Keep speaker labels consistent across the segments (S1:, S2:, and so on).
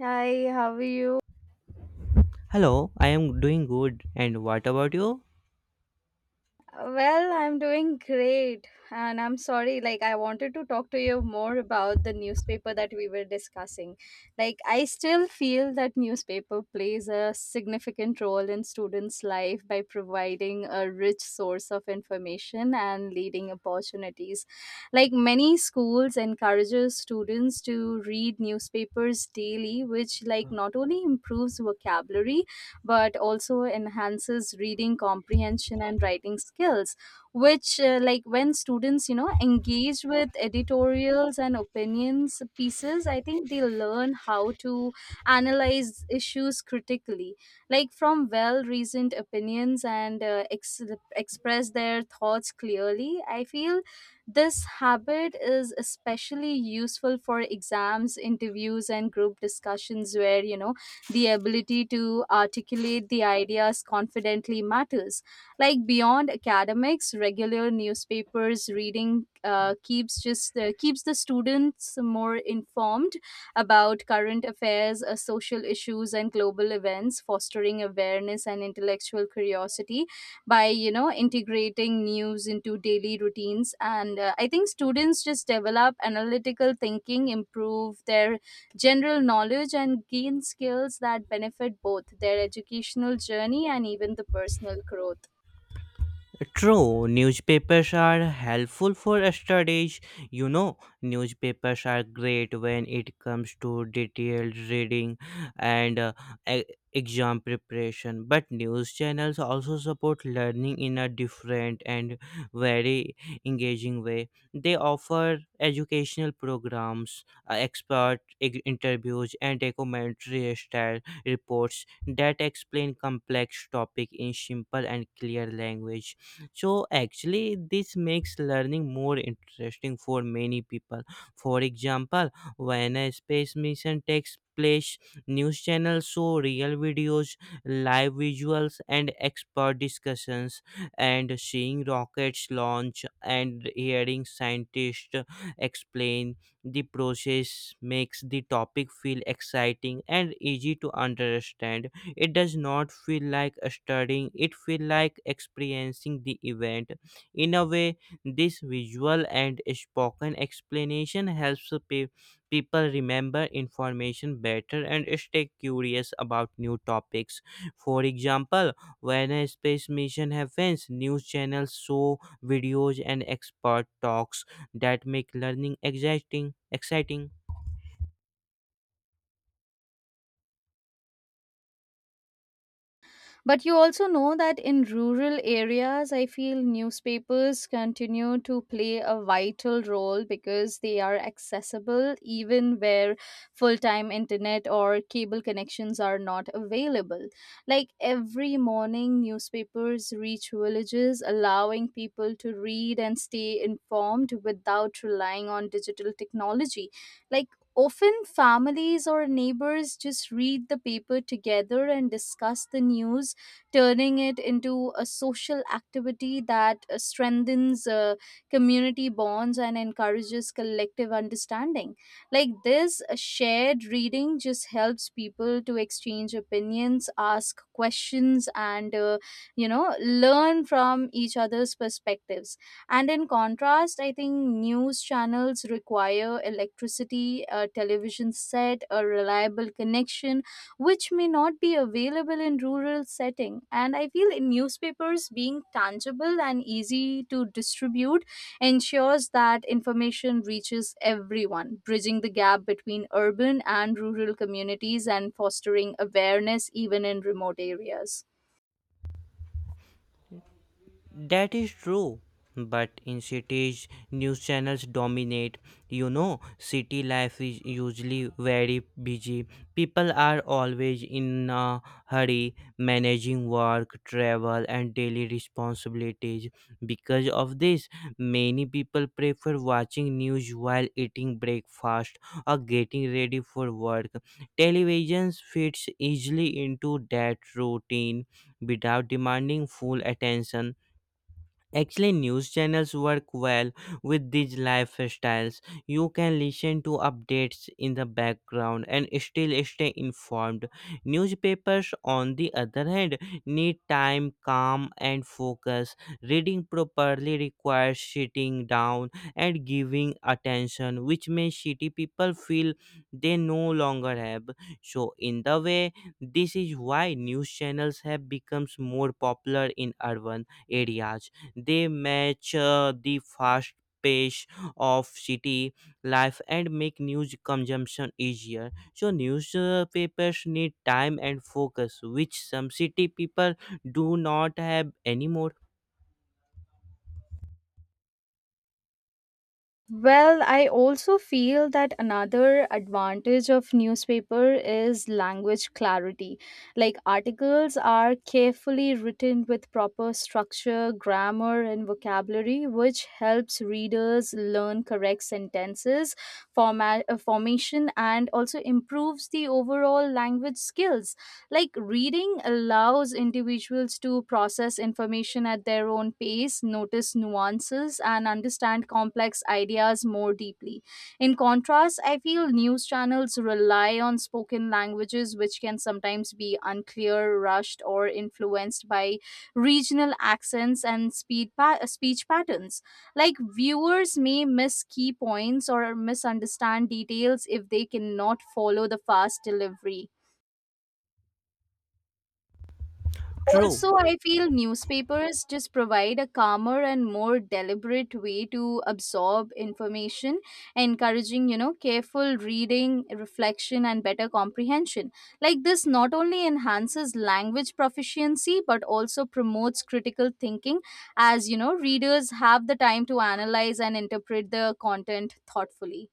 S1: Hi, how are you?
S2: Hello, I am doing good. And what about you?
S1: Well, I'm doing great. And I'm sorry, like, I wanted to talk to you more about the newspaper that we were discussing. Like, I still feel that newspaper plays a significant role in students' life by providing a rich source of information and leading opportunities. Like, many schools encourages students to read newspapers daily, which, like, not only improves vocabulary but also enhances reading comprehension and writing skills, which like when students you know engage with editorials and opinions pieces I think they learn how to analyze issues critically, like from well reasoned opinions and express their thoughts clearly. I feel this habit is especially useful for exams, interviews, and group discussions where you know the ability to articulate the ideas confidently matters. Like beyond academics, regular newspapers reading keeps the students more informed about current affairs, social issues, and global events, fostering awareness and intellectual curiosity by you know integrating news into daily routines. And I think students just develop analytical thinking, improve their general knowledge, and gain skills that benefit both their educational journey and even the personal growth.
S2: True, newspapers are helpful for studies. You know, newspapers are great when it comes to detailed reading and e- exam preparation. But news channels also support learning in a different and very engaging way. They offer educational programs, expert interviews, and documentary style reports that explain complex topic in simple and clear language. So actually this makes learning more interesting for many people. For example, when a space mission takes place, news channels show real videos, live visuals, and expert discussions, and seeing rockets launch and hearing scientists explain the process makes the topic feel exciting and easy to understand. It does not feel like studying, it feel like experiencing the event. In a way, this visual and spoken explanation helps people remember information better and stay curious about new topics. For example, when a space mission happens, news channels show videos and expert talks that make learning exciting exciting.
S1: But you also know that in rural areas, I feel newspapers continue to play a vital role because they are accessible even where full time internet or cable connections are not available. Like every morning, newspapers reach villages, allowing people to read and stay informed without relying on digital technology. Like often families or neighbors just read the paper together and discuss the news, turning it into a social activity that strengthens community bonds and encourages collective understanding. Like this shared reading just helps people to exchange opinions, ask questions, and you know, learn from each other's perspectives. And in contrast, I think news channels require electricity, a television set, a reliable connection, which may not be available in rural setting. And I feel in newspapers being tangible and easy to distribute ensures that information reaches everyone, bridging the gap between urban and rural communities and fostering awareness even in remote areas.
S2: That is true. But in cities, news channels dominate. You know, city life is usually very busy. People are always in a hurry, managing work, travel, and daily responsibilities. Because of this, many people prefer watching news while eating breakfast or getting ready for work. Television fits easily into that routine without demanding full attention. Actually, news channels work well with these lifestyles. You can listen to updates in the background and still stay informed. Newspapers, on the other hand, need time, calm, and focus. Reading properly requires sitting down and giving attention, which makes city people feel they no longer have. So, in the way, this is why news channels have become more popular in urban areas. They match the fast pace of city life and make news consumption easier. So newspapers need time and focus, which some city people do not have anymore.
S1: Well, I also feel that another advantage of newspaper is language clarity. Like articles are carefully written with proper structure, grammar, and vocabulary, which helps readers learn correct sentences, formation, and also improves the overall language skills. Like reading allows individuals to process information at their own pace, notice nuances, and understand complex ideas more deeply. In contrast, I feel news channels rely on spoken languages, which can sometimes be unclear, rushed, or influenced by regional accents and speech patterns. Like viewers may miss key points or misunderstand details if they cannot follow the fast delivery.
S2: True.
S1: Also, I feel newspapers just provide a calmer and more deliberate way to absorb information, encouraging, you know, careful reading, reflection, and better comprehension. Like this not only enhances language proficiency but also promotes critical thinking as, you know, readers have the time to analyze and interpret the content thoughtfully.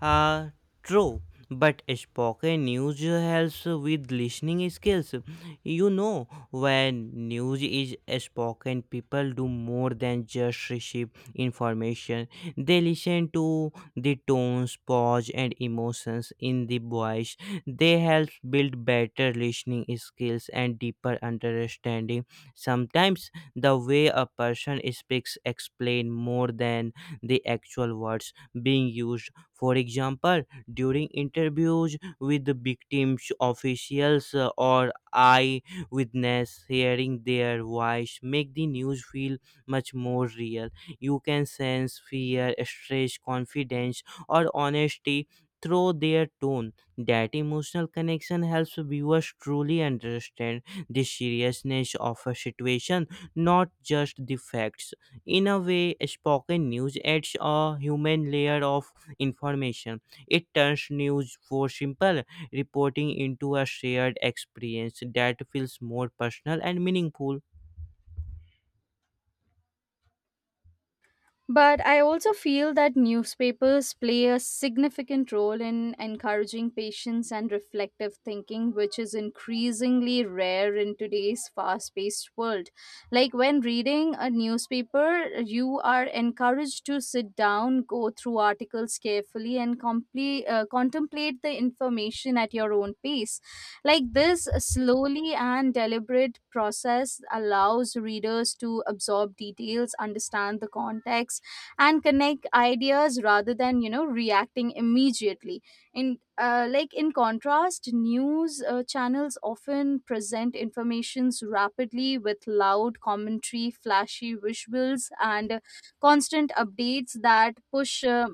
S2: Uh, True, but spoken news helps with listening skills. You know, when news is spoken, people do more than just receive information. They listen to the tones, pause, and emotions in the voice. They help build better listening skills and deeper understanding. Sometimes the way a person speaks explain more than the actual words being used. For example, during interviews with the victims' officials or eyewitness, hearing their voice make the news feel much more real. You can sense fear, stress, confidence, or honesty through their tone. That emotional connection helps viewers truly understand the seriousness of a situation, not just the facts. In a way, spoken news adds a human layer of information. It turns news for simple reporting into a shared experience that feels more personal and meaningful.
S1: But I also feel that newspapers play a significant role in encouraging patience and reflective thinking, which is increasingly rare in today's fast paced world. Like when reading a newspaper, you are encouraged to sit down, go through articles carefully, and contemplate the information at your own pace. Like this slowly and deliberate process allows readers to absorb details, understand the context, and connect ideas rather than you know reacting immediately. In contrast, news channels often present informations rapidly with loud commentary, flashy visuals, and constant updates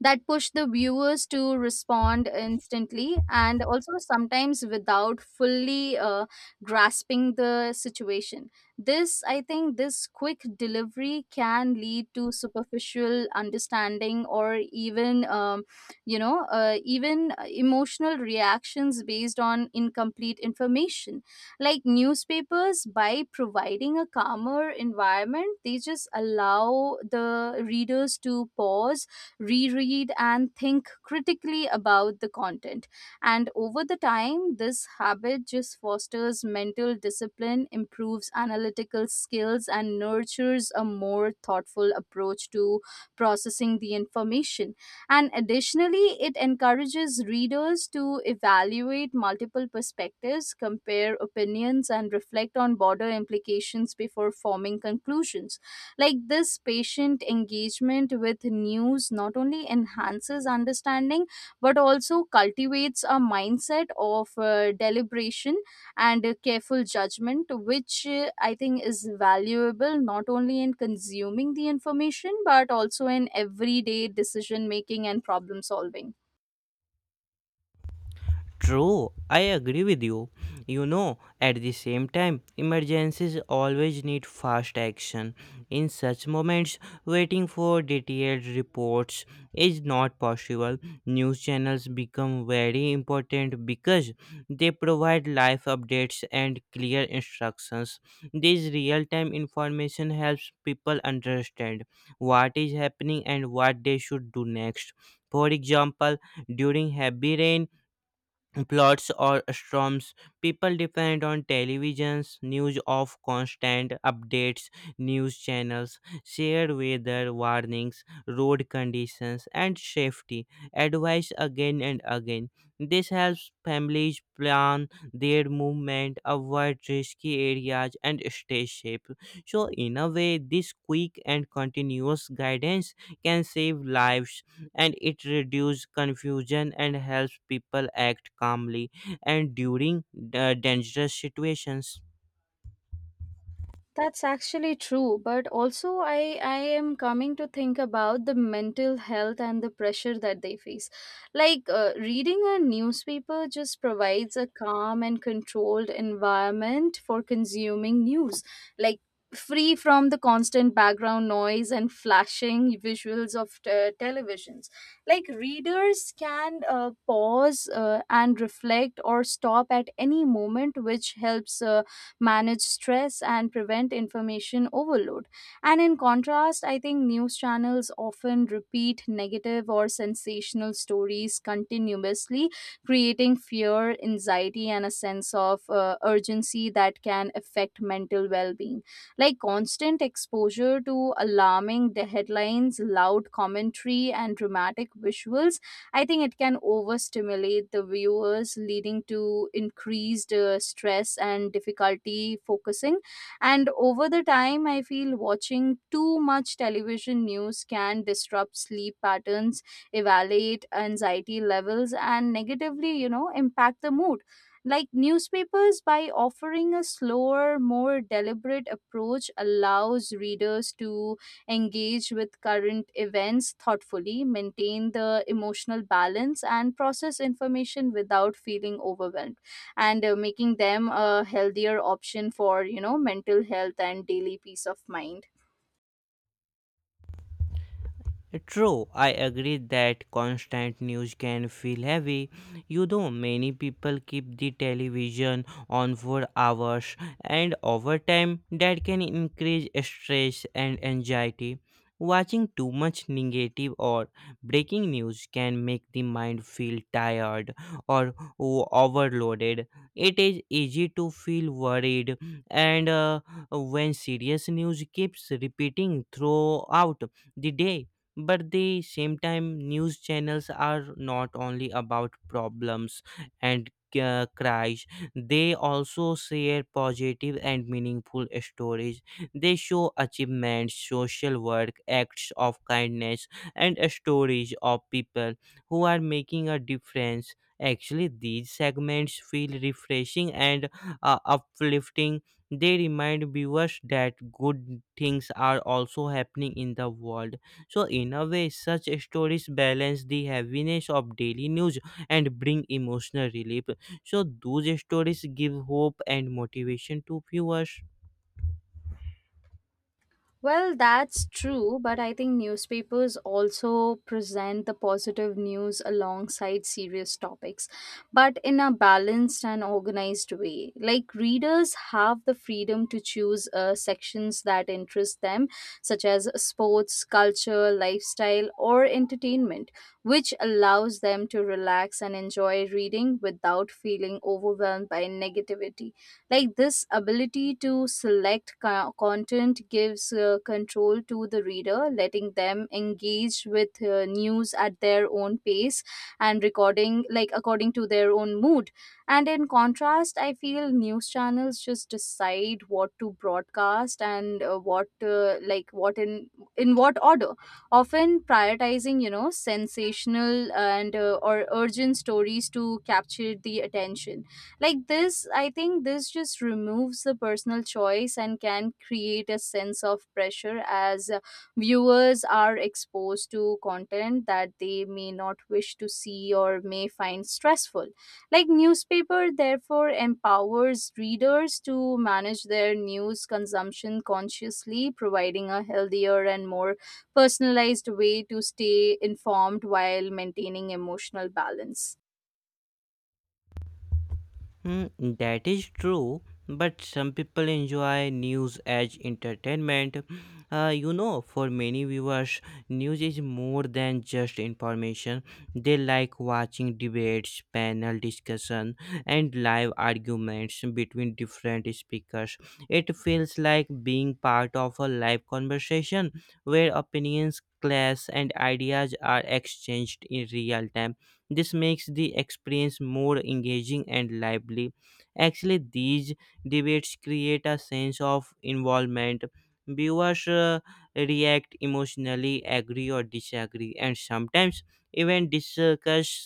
S1: that push the viewers to respond instantly, and also sometimes without fully grasping the situation. This, I think, this quick delivery can lead to superficial understanding, or even, even emotional reactions based on incomplete information. Like newspapers, by providing a calmer environment, they just allow the readers to pause, reread, and think critically about the content. And over the time, this habit just fosters mental discipline, improves analytical skills, and nurtures a more thoughtful approach to processing the information. And additionally, it encourages readers to evaluate multiple perspectives, compare opinions, and reflect on broader implications before forming conclusions. Like this patient engagement with news not only enhances understanding but also cultivates a mindset of deliberation and careful judgment, which I think is valuable not only in consuming the information but also in everyday decision making and problem solving.
S2: True, I agree with you. You know, at the same time, emergencies always need fast action. In such moments, waiting for detailed reports is not possible. News channels become very important because they provide live updates and clear instructions. This real time information helps people understand what is happening and what they should do next. For example, during heavy rain, plots or storms. People depend on televisions, news of constant updates, news channels, shared weather warnings, road conditions, and safety advice again and again. This helps families plan their movement, avoid risky areas, and stay safe. So, in a way, this quick and continuous guidance can save lives and it reduces confusion and helps people act calmly and during dangerous situations.
S1: That's actually true, but also I am coming to think about the mental health and the pressure that they face. Like reading a newspaper just provides a calm and controlled environment for consuming news, like free from the constant background noise and flashing visuals of televisions. Like readers can pause and reflect or stop at any moment, which helps manage stress, and prevent information overload. And in contrast, I think news channels often repeat negative or sensational stories continuously, creating fear, anxiety, and a sense of urgency that can affect mental well being. Like constant exposure to alarming the headlines, loud commentary, and dramatic visuals, I think it can overstimulate the viewers, leading to increased stress and difficulty focusing. And over the time, I feel watching too much television news can disrupt sleep patterns, evaluate anxiety levels, and negatively, you know, impact the mood. Like newspapers, by offering a slower, more deliberate approach, allows readers to engage with current events thoughtfully, maintain the emotional balance, and process information without feeling overwhelmed, and making them a healthier option for you know mental health and daily peace of mind.
S2: True, I agree that constant news can feel heavy. You know, many people keep the television on for hours, and over time, that can increase stress and anxiety. Watching too much negative or breaking news can make the mind feel tired or overloaded. It is easy to feel worried, and when serious news keeps repeating throughout the day. But the same time, news channels are not only about problems and cries. They also share positive and meaningful stories. They show achievements, social work, acts of kindness, and stories of people who are making a difference. Actually, these segments feel refreshing and uplifting. They remind viewers that good things are also happening in the world. So, in a way, such stories balance the heaviness of daily news and bring emotional relief. So, those stories give hope and motivation to viewers.
S1: Well, that's true, but I think newspapers also present the positive news alongside serious topics, but in a balanced and organized way. Like, readers have the freedom to choose sections that interest them, such as sports, culture, lifestyle, or entertainment, which allows them to relax and enjoy reading without feeling overwhelmed by negativity. Like this ability to select content gives control to the reader, letting them engage with news at their own pace and recording, like according to their own mood. And in contrast, I feel news channels just decide what to broadcast, and what like what in what order, often prioritizing you know sensational and or urgent stories to capture the attention. Like this, I think, this just removes the personal choice and can create a sense of pressure as viewers are exposed to content that they may not wish to see or may find stressful. Like newspaper therefore empowers readers to manage their news consumption consciously, providing a healthier and more personalized way to stay informed while maintaining emotional balance.
S2: Hmm, that is true, but some people enjoy news as entertainment. You know, for many viewers, news is more than just information. They like watching debates, panel discussion, and live arguments between different speakers. It feels like being part of a live conversation where opinions clash and ideas are exchanged in real time. This makes the experience more engaging and lively. Actually, these debates create a sense of involvement. Viewers react emotionally, agree or disagree, and sometimes even discuss